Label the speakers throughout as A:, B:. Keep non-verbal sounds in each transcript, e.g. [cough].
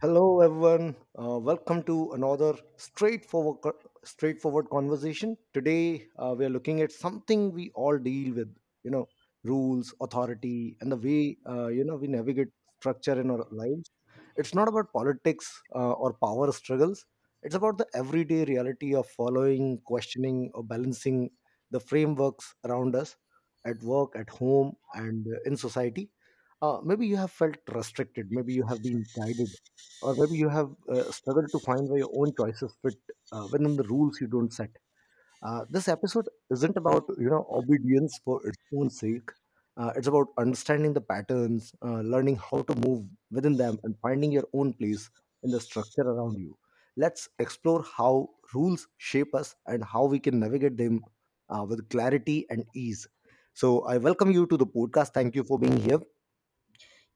A: Hello, everyone. Welcome to another straightforward, straightforward conversation. Today, we are looking at something we all deal with. You know, rules, authority, and the way we navigate structure in our lives. It's not about politics or power struggles. It's about the everyday reality of following, questioning, or balancing the frameworks around us at work, at home, and in society. Maybe you have felt restricted, maybe you have been guided, or maybe you have struggled to find where your own choices fit within the rules you don't set. This episode isn't about obedience for its own sake. It's about understanding the patterns, learning how to move within them, and finding your own place in the structure around you. Let's explore how rules shape us and how we can navigate them with clarity and ease. So, I welcome you to the podcast. Thank you for being here.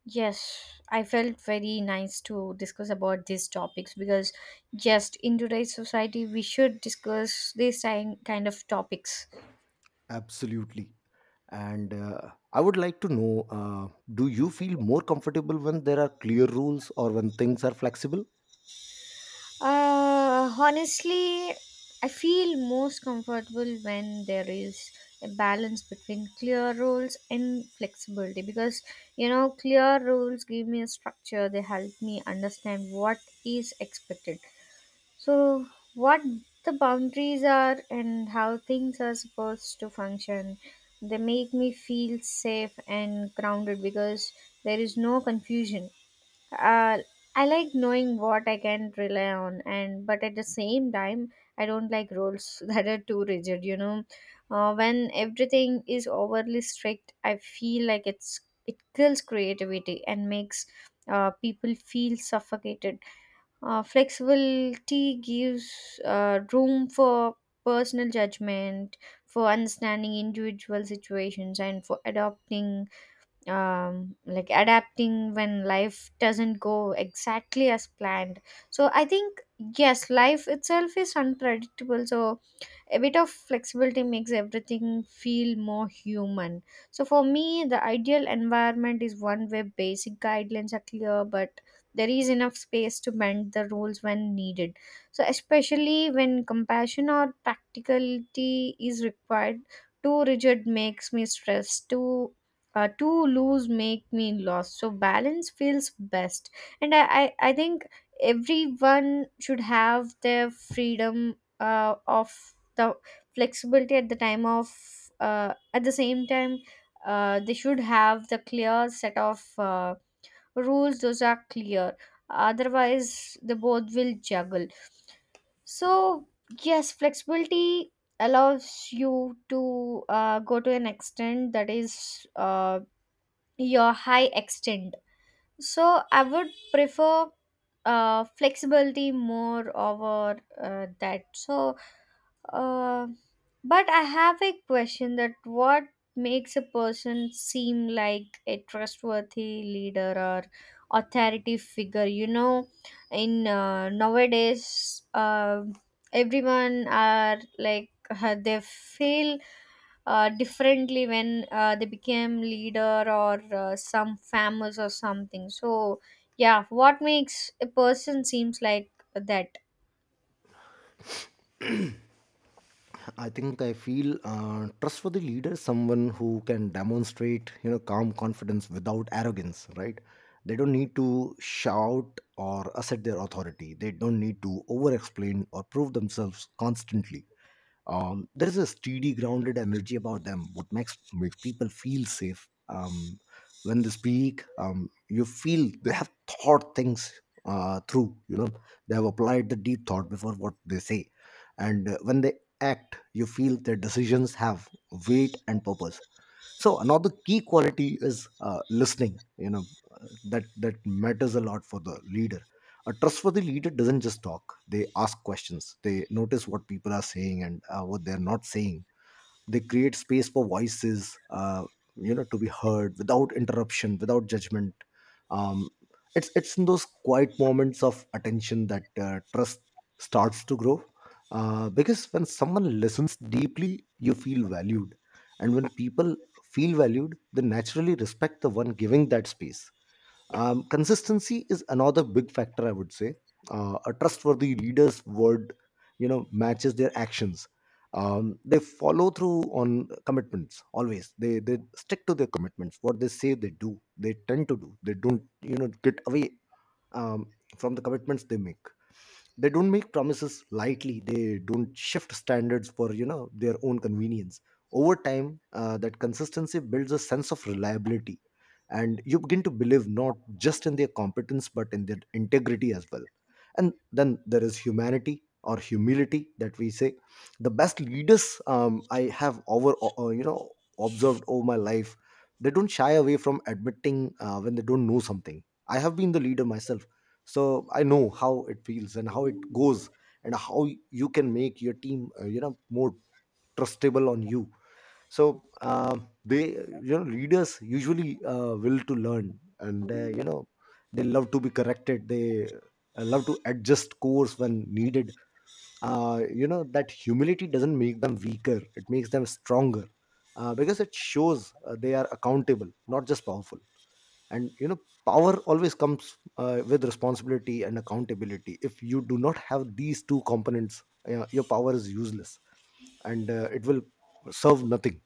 B: Yes, I felt very nice to discuss about these topics because just in today's society we should discuss these kind of topics.
A: Absolutely. And I would like to know, do you feel more comfortable when there are clear rules or when things are flexible?
B: Honestly, I feel most comfortable when there is a balance between clear rules and flexibility because clear rules give me a structure, they help me understand what is expected. So, what the boundaries are and how things are supposed to function, they make me feel safe and grounded because there is no confusion. Uh, I like knowing what I can rely on, and but at the same time, I don't like rules [laughs] that are too rigid. When everything is overly strict, I feel like it kills creativity and makes people feel suffocated. Flexibility gives room for personal judgment, for understanding individual situations, and for adopting like adapting when life doesn't go exactly as planned. So I think, yes, life itself is unpredictable, so a bit of flexibility makes everything feel more human. So for me, the ideal environment is one where basic guidelines are clear but there is enough space to bend the rules when needed, so especially when compassion or practicality is required. Too rigid makes me stressed, too too loose make me lost, so balance feels best. And I think everyone should have their freedom of the flexibility at the time of, at the same time, they should have the clear set of rules those are clear, otherwise they both will juggle. So yes, flexibility allows you to go to an extent that is your high extent. So I would prefer flexibility more over that. So, uh, but I have a question that what makes a person seem like a trustworthy leader or authority figure? You know, in nowadays, everyone are like [laughs] they feel differently when they became leader or some famous or something. So yeah, what makes a person seems like that?
A: I think I feel trustworthy leader is someone who can demonstrate, you know, calm confidence without arrogance, right? They don't need to shout or assert their authority. They don't need to over explain or prove themselves constantly. There is a steady, grounded energy about them, what makes people feel safe. When they speak, you feel they have thought things through. You know, they have applied the deep thought before what they say, and when they act, you feel their decisions have weight and purpose. So another key quality is listening, you know, that matters a lot for the leader. A trustworthy leader doesn't just talk, they ask questions, they notice what people are saying and what they're not saying. They create space for voices, to be heard without interruption, without judgment. um, it's in those quiet moments of attention that trust starts to grow, because when someone listens deeply, you feel valued. And when people feel valued, they naturally respect the one giving that space. Consistency is another big factor, I would say. A trustworthy leader's word, you know, matches their actions. They follow through on commitments always. They stick to their commitments. What they say, they do. They tend to do. They don't, you know, get away um, from the commitments they make. They don't make promises lightly. They don't shift standards for their own convenience. Over time, that consistency builds a sense of reliability, and you begin to believe not just in their competence but in their integrity as well. And then there is humanity or humility that we say. The best leaders, I have over you know, observed over my life, they don't shy away from admitting when they don't know something. I have been the leader myself, so I know how it feels and how it goes, and how you can make your team, you know, more trustable on you. So they, you know, leaders usually will to learn and, you know, they love to be corrected. They love to adjust course when needed. Uh, you know, that humility doesn't make them weaker, it makes them stronger, because it shows they are accountable, not just powerful. And you know, power always comes with responsibility and accountability. If you do not have these two components, your power is useless, and it will serve nothing.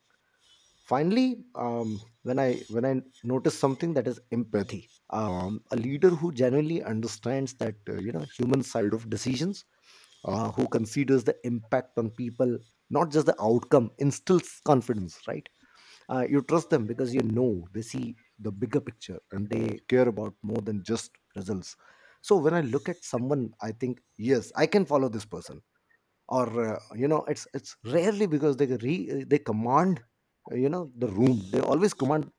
A: Finally, when I notice something, that is empathy. Um, a leader who genuinely understands that, you know, human side of decisions, who considers the impact on people, not just the outcome, instills confidence, right? Uh, you trust them because you know they see the bigger picture and they care about more than just results. So when I look at someone, I think, yes, I can follow this person. Or, you know, it's rarely because they command, you know, the room. They always command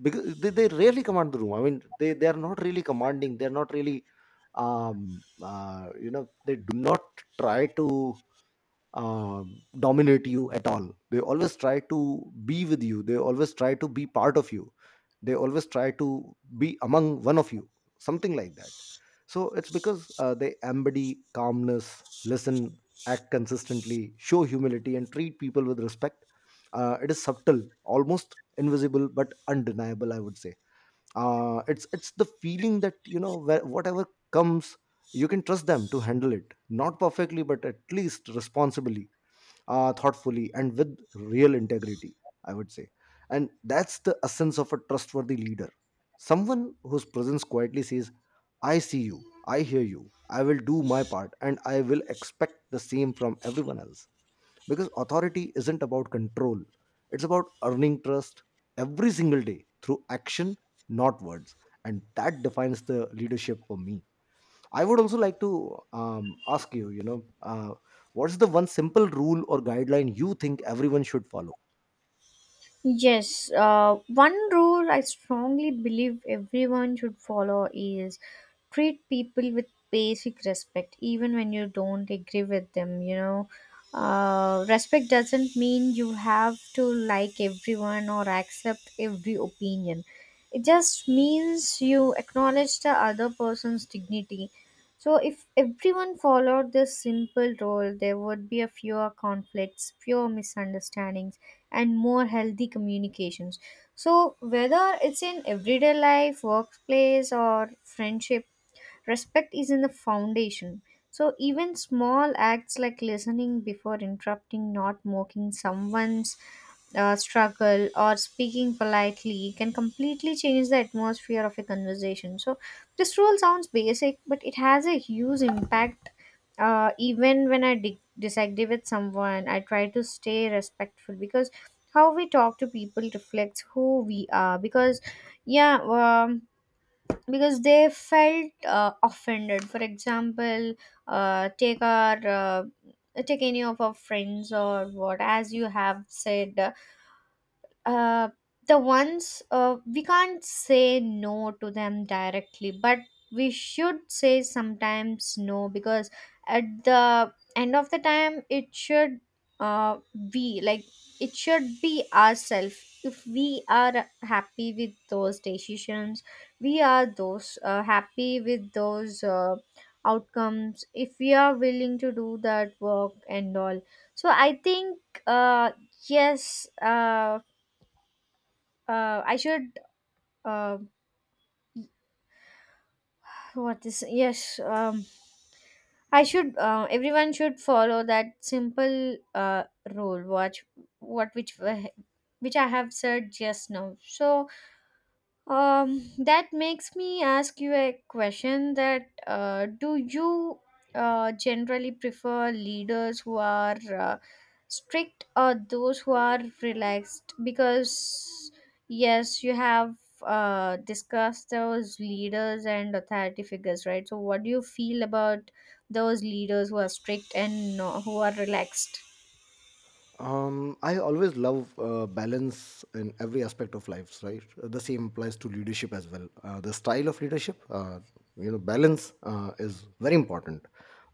A: because they rarely command the room. I mean, they are not really commanding, they're not really you know, they do not try to dominate you at all. They always try to be with you. They always try to be part of you. They always try to be among one of you. Something like that. So it's because they embody calmness, listen, act consistently, show humility, and treat people with respect. It is subtle, almost invisible, but undeniable. I would say it's the feeling that, you know, whatever comes, you can trust them to handle it. Not perfectly, but at least responsibly, thoughtfully, and with real integrity, I would say. And that's the essence of a trustworthy leader, someone whose presence quietly says, I see you, I hear you, I will do my part, and I will expect the same from everyone else. Because authority isn't about control, it's about earning trust every single day through action, not words. And that defines the leadership for me. I would also like to ask you, you know, what's the one simple rule or guideline you think everyone should follow?
B: Yes, one rule I strongly believe everyone should follow is treat people with basic respect, even when you don't agree with them. You know, respect doesn't mean you have to like everyone or accept every opinion. It just means you acknowledge the other person's dignity. So, if everyone followed this simple rule, there would be a fewer conflicts, fewer misunderstandings and more healthy communications. So, whether it's in everyday life, workplace, or friendship, respect is in the foundation. So, even small acts like listening before interrupting, not mocking someone's struggle or speaking politely can completely change the atmosphere of a conversation. So, this rule sounds basic, but it has a huge impact. Even when I disagree with someone, I try to stay respectful because how we talk to people reflects who we are. Because, yeah, because they felt offended. For example, uh, take our. Uh, take any of our friends or what as you have said, uh, the ones we can't say no to them directly, but we should say sometimes no because at the end of the time it should uh, be like it should be ourselves. If we are happy with those decisions, we are those happy with those outcomes if we are willing to do that work and all. So I think, uh, yes, I should, uh, what is yes, I should, everyone should follow that simple rule watch what which I have said just now. So um, that makes me ask you a question that do you generally prefer leaders who are strict or those who are relaxed? Because yes, you have discussed those leaders and authority figures, right? So, what do you feel about those leaders who are strict and who are relaxed?
A: I always love balance in every aspect of lives, right? The same applies to leadership as well. The style of leadership, you know, balance is very important.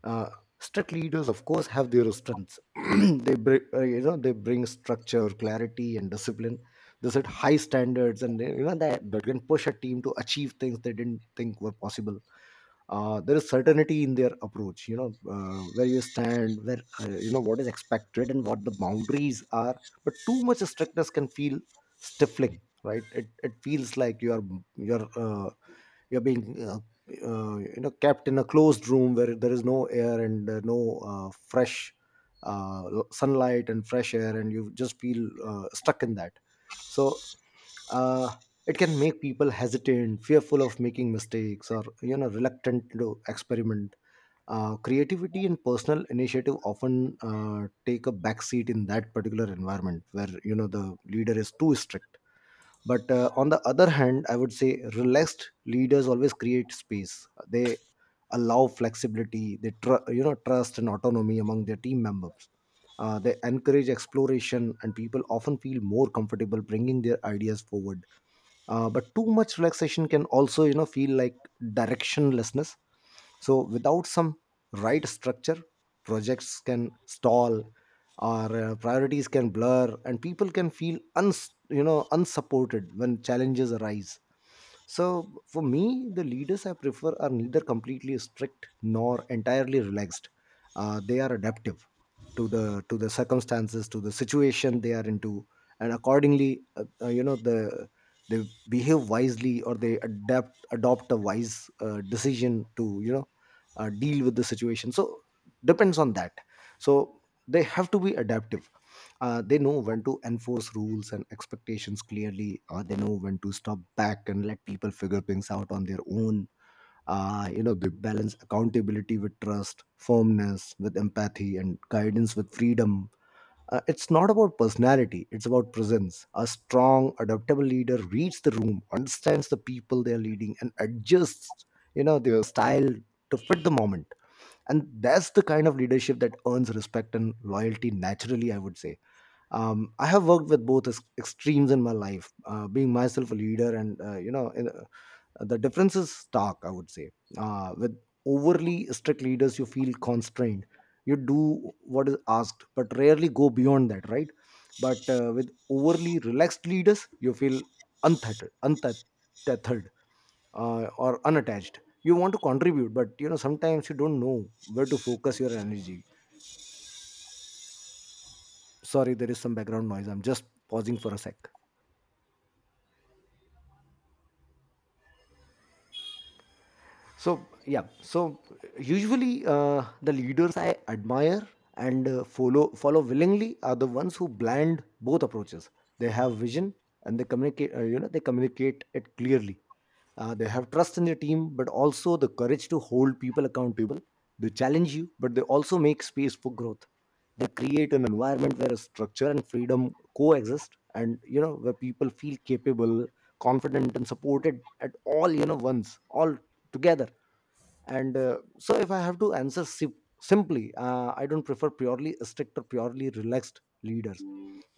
A: Uh, strict leaders, of course, have their strengths. [clears throat] They bring, you know, they bring structure, clarity, and discipline. They set high standards, and they, you know, that can push a team to achieve things they didn't think were possible. There is certainty in their approach, you know, where you stand, where, you know, what is expected and what the boundaries are. But too much strictness can feel stifling, right? It feels like you are, you're uh, you're being, you know, kept in a closed room where there is no air and, no, fresh, sunlight and fresh air, and you just feel stuck in that. So, uh, it can make people hesitant, fearful of making mistakes, or, you know, reluctant to experiment. Uh, creativity and personal initiative often take a backseat in that particular environment where, you know, the leader is too strict. But on the other hand, I would say relaxed leaders always create space. They allow flexibility, you know, trust and autonomy among their team members. Uh, they encourage exploration, and people often feel more comfortable bringing their ideas forward. Uh, but too much relaxation can also, you know, feel like directionlessness. So without some right structure, projects can stall, or priorities can blur, and people can feel, you know, unsupported when challenges arise. So for me, the leaders I prefer are neither completely strict nor entirely relaxed. Uh, they are adaptive to the circumstances, to the situation they are into. And accordingly, you know, they behave wisely, or they adapt adopt a wise decision to, you know, deal with the situation. So depends on that. So they have to be adaptive. Uh, they know when to enforce rules and expectations clearly, or they know when to stop back and let people figure things out on their own. Uh, you know, they balance accountability with trust, firmness with empathy, and guidance with freedom. It's not about personality, it's about presence. A strong, adaptable leader reads the room, understands the people they are leading, and adjusts, you know, their style to fit the moment. And that's the kind of leadership that earns respect and loyalty naturally, I would say. I have worked with both extremes in my life, being myself a leader and, you know, in, the difference is stark, I would say. Uh, with overly strict leaders, you feel constrained. You do what is asked but rarely go beyond that, right? But with overly relaxed leaders, you feel untethered, or unattached. You want to contribute, but, you know, sometimes you don't know where to focus your energy. Sorry, there is some background noise, I'm just pausing for a sec. So yeah, so usually the leaders I admire and follow willingly are the ones who blend both approaches. They have vision and they communicate. You know, they communicate it clearly. They have trust in their team, but also the courage to hold people accountable. They challenge you, but they also make space for growth. They create an environment where structure and freedom coexist, and you know where people feel capable, confident, and supported at all you know once, all together and so if I have to answer simply, I don't prefer purely strict or purely relaxed leaders.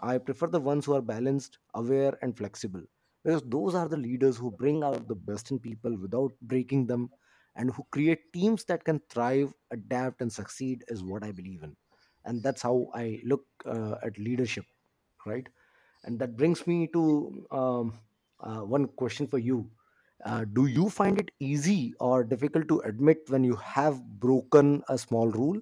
A: I prefer the ones who are balanced, aware, and flexible, because those are the leaders who bring out the best in people without breaking them, and who create teams that can thrive, adapt, and succeed is what I believe in. And that's how I look at leadership, right? And that brings me to one question for you. Do you find it easy or difficult to admit when you have broken a small rule?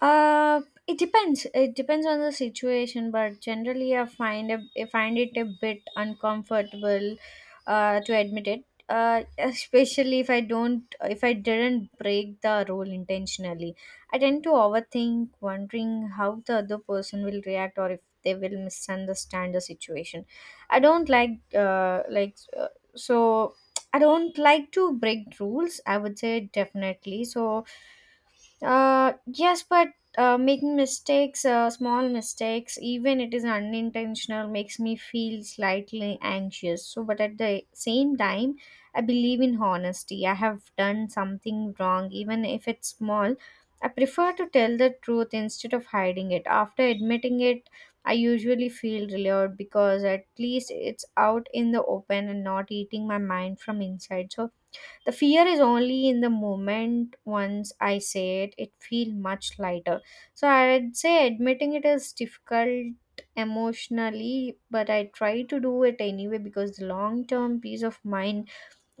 B: It depends. It depends on the situation, but generally, I find it a bit uncomfortable, to admit it. Especially if I don't, if I didn't break the rule intentionally, I tend to overthink, wondering how the other person will react or if they will misunderstand the situation. I don't like, so I don't like to break rules, I would say definitely. So yes, but making mistakes, small mistakes, even it is unintentional, makes me feel slightly anxious. So, but at the same time, I believe in honesty. I have done something wrong, even if it's small, I prefer to tell the truth instead of hiding it. After admitting it, I usually feel relieved because at least it's out in the open and not eating my mind from inside. So, the fear is only in the moment, once I say it, it feel much lighter. So I'd say admitting it is difficult emotionally, but I try to do it anyway because the long term peace of mind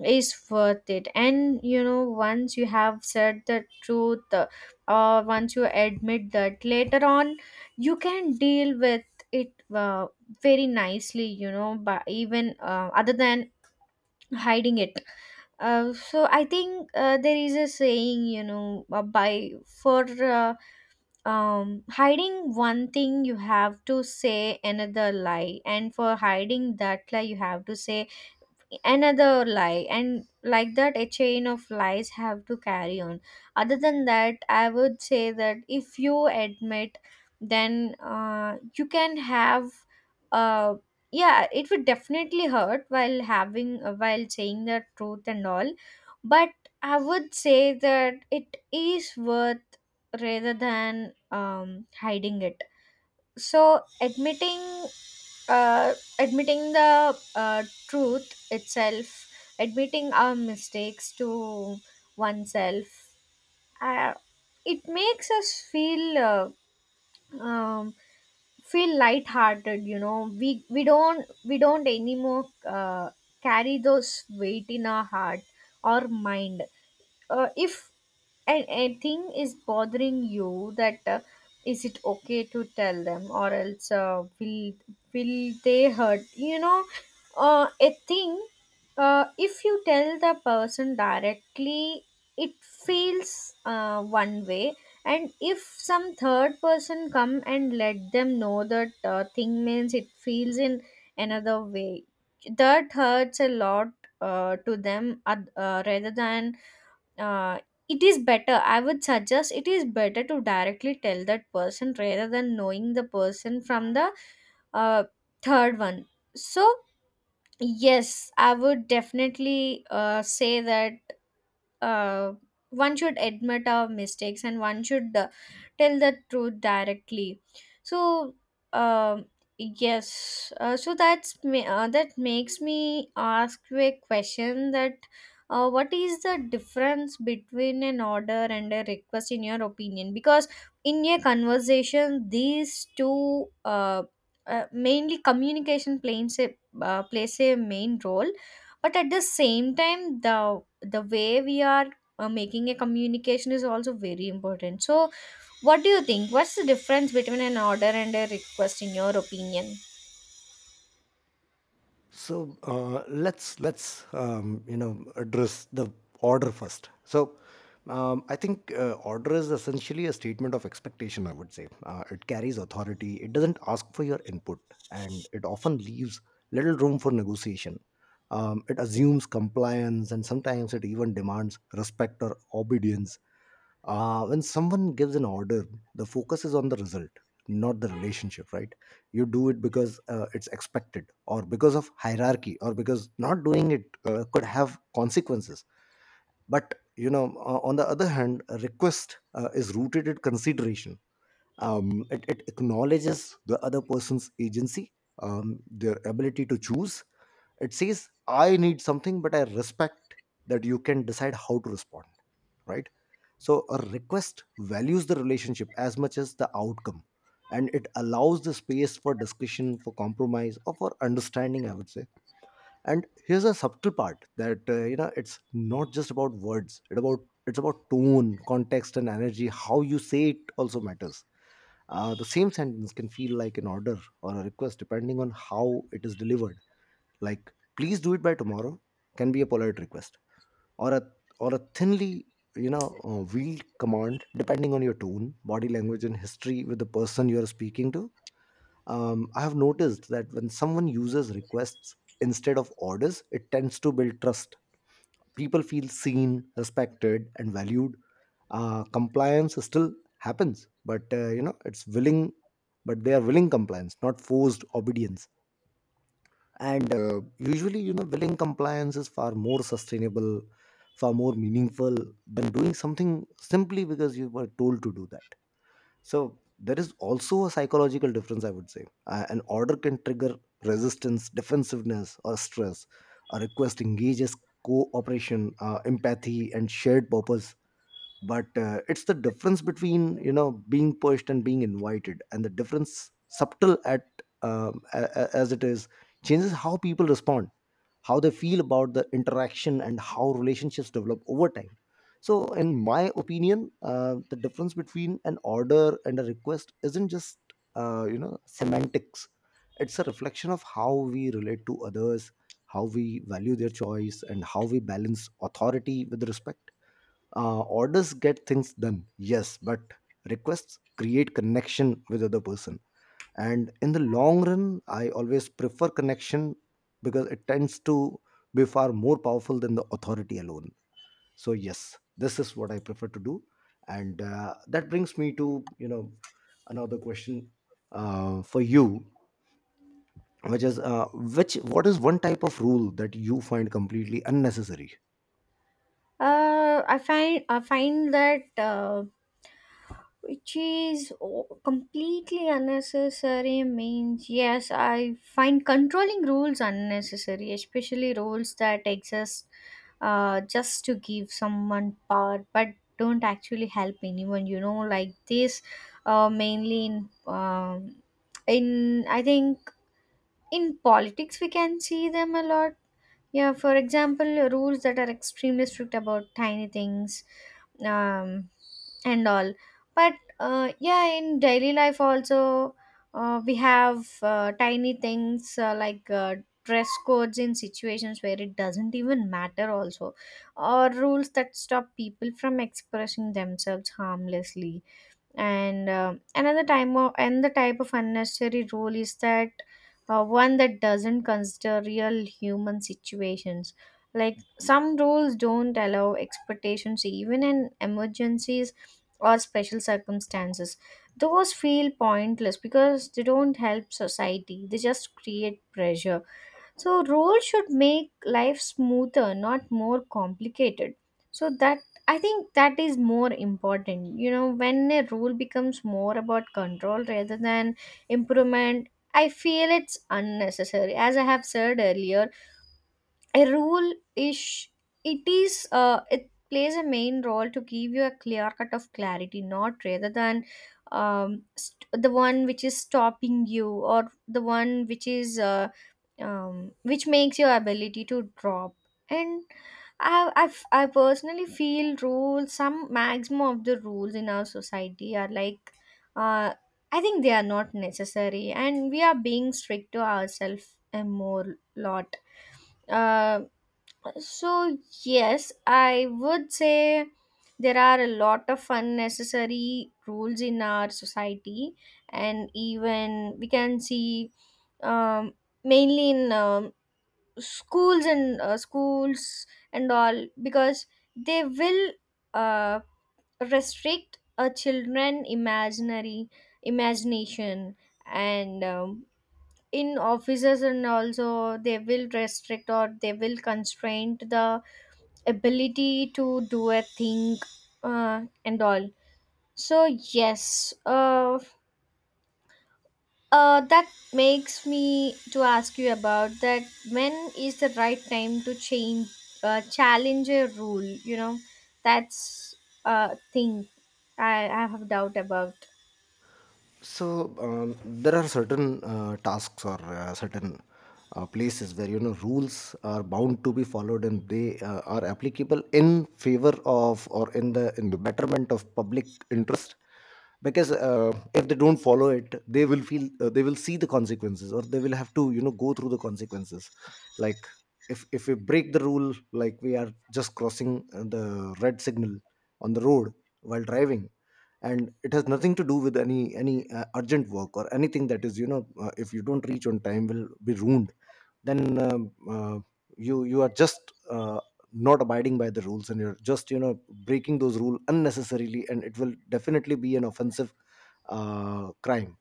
B: is worth it. And you know, once you have said the truth, or once you admit that later on, you can deal with it very nicely, you know, but even other than hiding it, so I think there is a saying, you know, by for hiding one thing you have to say another lie, and for hiding that lie you have to say another lie, and like that a chain of lies have to carry on. Other than that, I would say that if you admit, then you can have, uh, yeah, it would definitely hurt while having while saying the truth and all, but I would say that it is worth rather than hiding it. So admitting, admitting the truth itself, admitting our mistakes to oneself, uh, it makes us feel um, feel lighthearted. You know, we don't anymore carry those weight in our heart or mind. If and a thing is bothering you that is it okay to tell them or else will they hurt, you know? A thing If you tell the person directly, it feels one way, and if some third person come and let them know that thing, means it feels in another way, that hurts a lot to them rather than, uh, it is better, I would suggest it is better to directly tell that person rather than knowing the person from the uh, third one. So yes, I would definitely say that uh, one should admit our mistakes and one should tell the truth directly. So um yes, so that's me, that makes me ask you a question that what is the difference between an order and a request in your opinion? Because in a conversation these two mainly communication plays a plays a main role, but at the same time the way we are making a communication is also very important. So what do you think, what's the difference between an order and a request in your opinion?
A: So let's you know address the order first. So I think order is essentially a statement of expectation. I would say it carries authority. It doesn't ask for your input, and it often leaves little room for negotiation. It assumes compliance, and sometimes it even demands respect or obedience. When someone gives an order, the focus is on the result, not the relationship, right? You do it because it's expected, or because of hierarchy, or because not doing it could have consequences. But you know, on the other hand, a request is rooted in consideration. It acknowledges the other person's agency, their ability to choose. It says I need something but I respect that you can decide how to respond, right? So a request values the relationship as much as the outcome, and it allows the space for discussion, for compromise, or for understanding, I would say. And here's a subtle part, that you know it's not just about words. It's about tone, context, and energy. How you say it also matters. The same sentence can feel like an order or a request depending on how it is delivered. Like, please do it by tomorrow can be a polite request, or a or a thinly, you know, wheeled command, depending on your tone, body language, and history with the person you are speaking to. I have noticed that when someone uses requests instead of orders, it tends to build trust. People feel seen, respected, and valued. Compliance still happens, but you know it's willing. But they are willing compliance, not forced obedience. And usually you know willing compliance is far more sustainable, far more meaningful than doing something simply because you were told to do that. So there is also a psychological difference, I would say. An order can trigger resistance, defensiveness, or stress. A request engages cooperation, empathy, and shared purpose. But it's the difference between you know being pushed and being invited, and the difference subtle at as it is, changes how people respond, how they feel about the interaction, and how relationships develop over time. So in my opinion, the difference between an order and a request isn't just, you know, semantics. It's a reflection of how we relate to others, how we value their choice, and how we balance authority with respect. Orders get things done, yes, but requests create connection with other person. And in the long run, I always prefer connection because it tends to be far more powerful than the authority alone. So yes, this is what I prefer to do, and that brings me to, you know, another question for you, which is which what is one type of rule that you find completely unnecessary?
B: I find that which is completely unnecessary means, yes, I find controlling rules unnecessary, especially rules that exist just to give someone power but don't actually help anyone, you know, like this, mainly in I think in politics we can see them a lot. Yeah, for example, rules that are extremely strict about tiny things, um, and all. But yeah, in daily life also, we have tiny things, like dress codes in situations where it doesn't even matter also, or rules that stop people from expressing themselves harmlessly. And another time of and the type of unnecessary rule is that one that doesn't consider real human situations, like some rules don't allow expectations even in emergencies or special circumstances. Those feel pointless because they don't help society, they just create pressure. So, roles should make life smoother, not more complicated. So, that I think that is more important. You know, when a rule becomes more about control rather than improvement, I feel it's unnecessary. As I have said earlier, a rule is, it is it plays a main role to give you a clear cut of clarity, not rather than the one which is stopping you or the one which is which makes your ability to drop. And I personally feel rules, some maximum of the rules in our society are like, uh, I think they are not necessary and we are being strict to ourselves a more lot. uh, so, yes, I would say there are a lot of unnecessary rules in our society, and even we can see um, mainly in schools and all because they will uh, restrict a children imaginary imagination. And in offices and also they will restrict or they will constrain the ability to do a thing, and all. So yes, that makes me to ask you about that, when is the right time to change, challenge a rule, you know, that's a thing I have doubt about.
A: So there are certain tasks or certain places where you know rules are bound to be followed and they are applicable in favor of or in the betterment of public interest, because if they don't follow it they will feel, they will see the consequences, or they will have to you know go through the consequences. Like, if we break the rule, like we are just crossing the red signal on the road while driving, and it has nothing to do with any urgent work or anything that is, you know, if you don't reach on time will be ruined, then um, uh, you are just, not abiding by the rules, and you're just, you know, breaking those rules unnecessarily, and it will definitely be an offensive crime.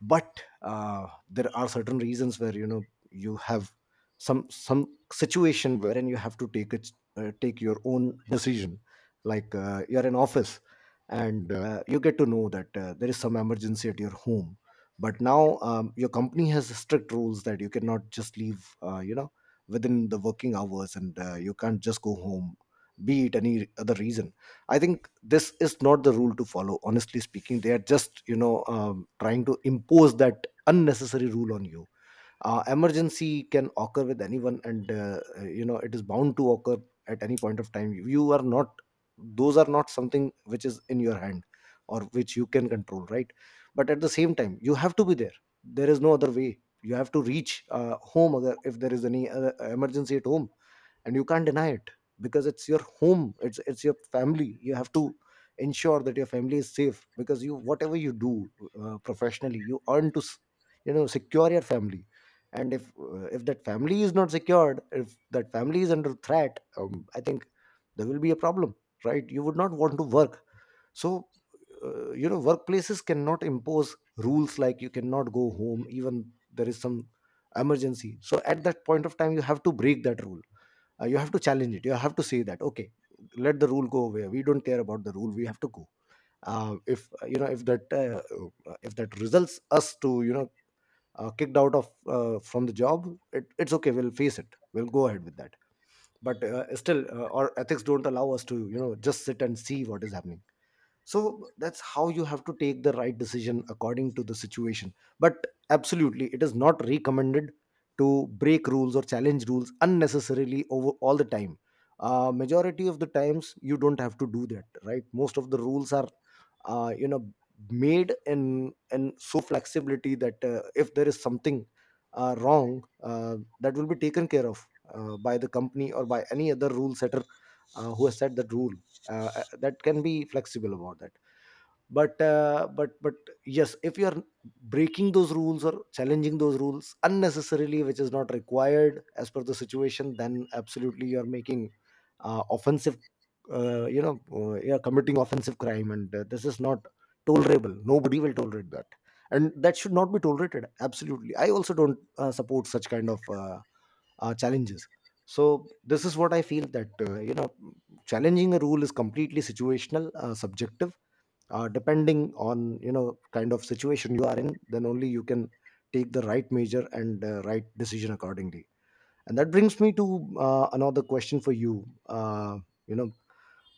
A: But there are certain reasons where, you know, you have some situation wherein you have to take your own decision. Like you're in office and you get to know that there is some emergency at your home. But now your company has strict rules that you cannot just leave, you know, within the working hours, and you can't just go home, be it any other reason. I think this is not the rule to follow, honestly speaking. They are just, you know, trying to impose that unnecessary rule on you. Emergency can occur with anyone, and you know it is bound to occur at any point of time. You are not, those are not something which is in your hand or which you can control, right? But at the same time you have to be there. There is no other way, you have to reach home, if there is any emergency at home, and you can't deny it because it's your home, it's your family. You have to ensure that your family is safe, because you, whatever you do professionally, you earn to s- you know, secure your family. And if that family is not secured, if that family is under threat, I think there will be a problem, right? You would not want to work. So you know, workplaces cannot impose rules like you cannot go home even there is some emergency. So at that point of time you have to break that rule. You have to challenge it. You have to say that okay, let the rule go away. We don't care about the rule. We have to go. If you know, if that results us to, you know, kicked out of, from the job, it's okay. We'll face it. We'll go ahead with that. But still, our ethics don't allow us to, you know, just sit and see what is happening. So that's how you have to take the right decision according to the situation. But absolutely, it is not recommended to break rules or challenge rules unnecessarily over all the time. Majority of the times you don't have to do that, right? Most of the rules are, you know, made in so flexibility that if there is something wrong, that will be taken care of by the company or by any other rule setter who has set that rule. That can be flexible about that. But but yes, if you are breaking those rules or challenging those rules unnecessarily, which is not required as per the situation, then absolutely you are making offensive, you know, you are committing offensive crime, and this is not tolerable. Nobody will tolerate that, and that should not be tolerated. Absolutely, I also don't support such kind of challenges. So this is what I feel, that you know, challenging a rule is completely situational, subjective, depending on, you know, kind of situation you are in, then only you can take the right measure and right decision accordingly. And that brings me to another question for you. You know,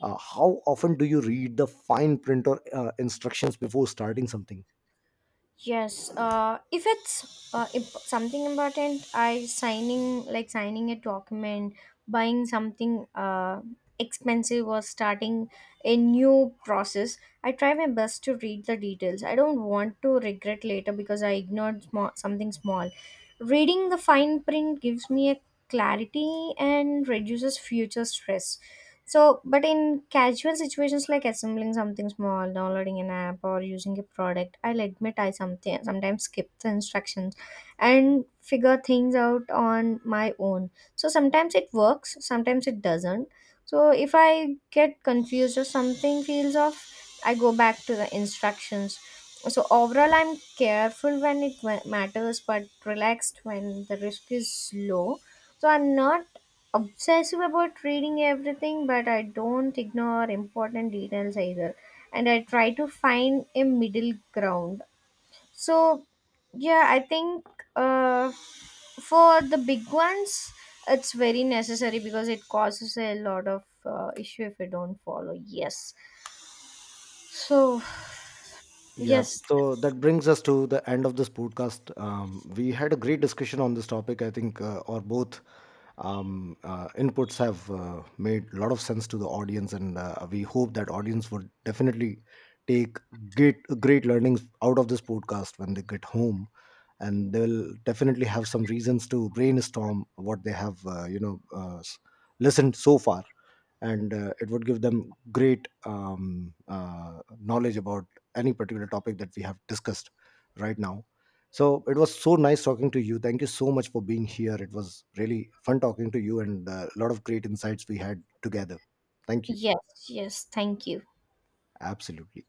A: how often do you read the fine print or instructions before starting something?
B: Yes, if it's something important, I signing like signing a document, buying something expensive, or starting a new process, I try my best to read the details. I don't want to regret later because I ignored something small. Reading the fine print gives me a clarity and reduces future stress. So, but in casual situations like assembling something small, downloading an app, or using a product, I'll admit I something sometimes skip the instructions and figure things out on my own. So sometimes it works, sometimes it doesn't. So if I get confused or something feels off, I go back to the instructions. So overall, I'm careful when it matters, but relaxed when the risk is low. So I'm not obsessive about reading everything, but I don't ignore important details either, and I try to find a middle ground. So, yeah, I think uh, for the big ones, it's very necessary because it causes a lot of issue if you don't follow. Yes. So,
A: Yeah,
B: yes,
A: so that brings us to the end of this podcast. We had a great discussion on this topic. I think our both inputs have made a lot of sense to the audience, and we hope that audience would definitely take great learnings out of this podcast when they get home, and they'll definitely have some reasons to brainstorm what they have, you know, listened so far, and it would give them great knowledge about any particular topic that we have discussed right now. So it was so nice talking to you. Thank you so much for being here. It was really fun talking to you, and a lot of great insights we had together. Thank you.
B: yes. Thank you.
A: Absolutely.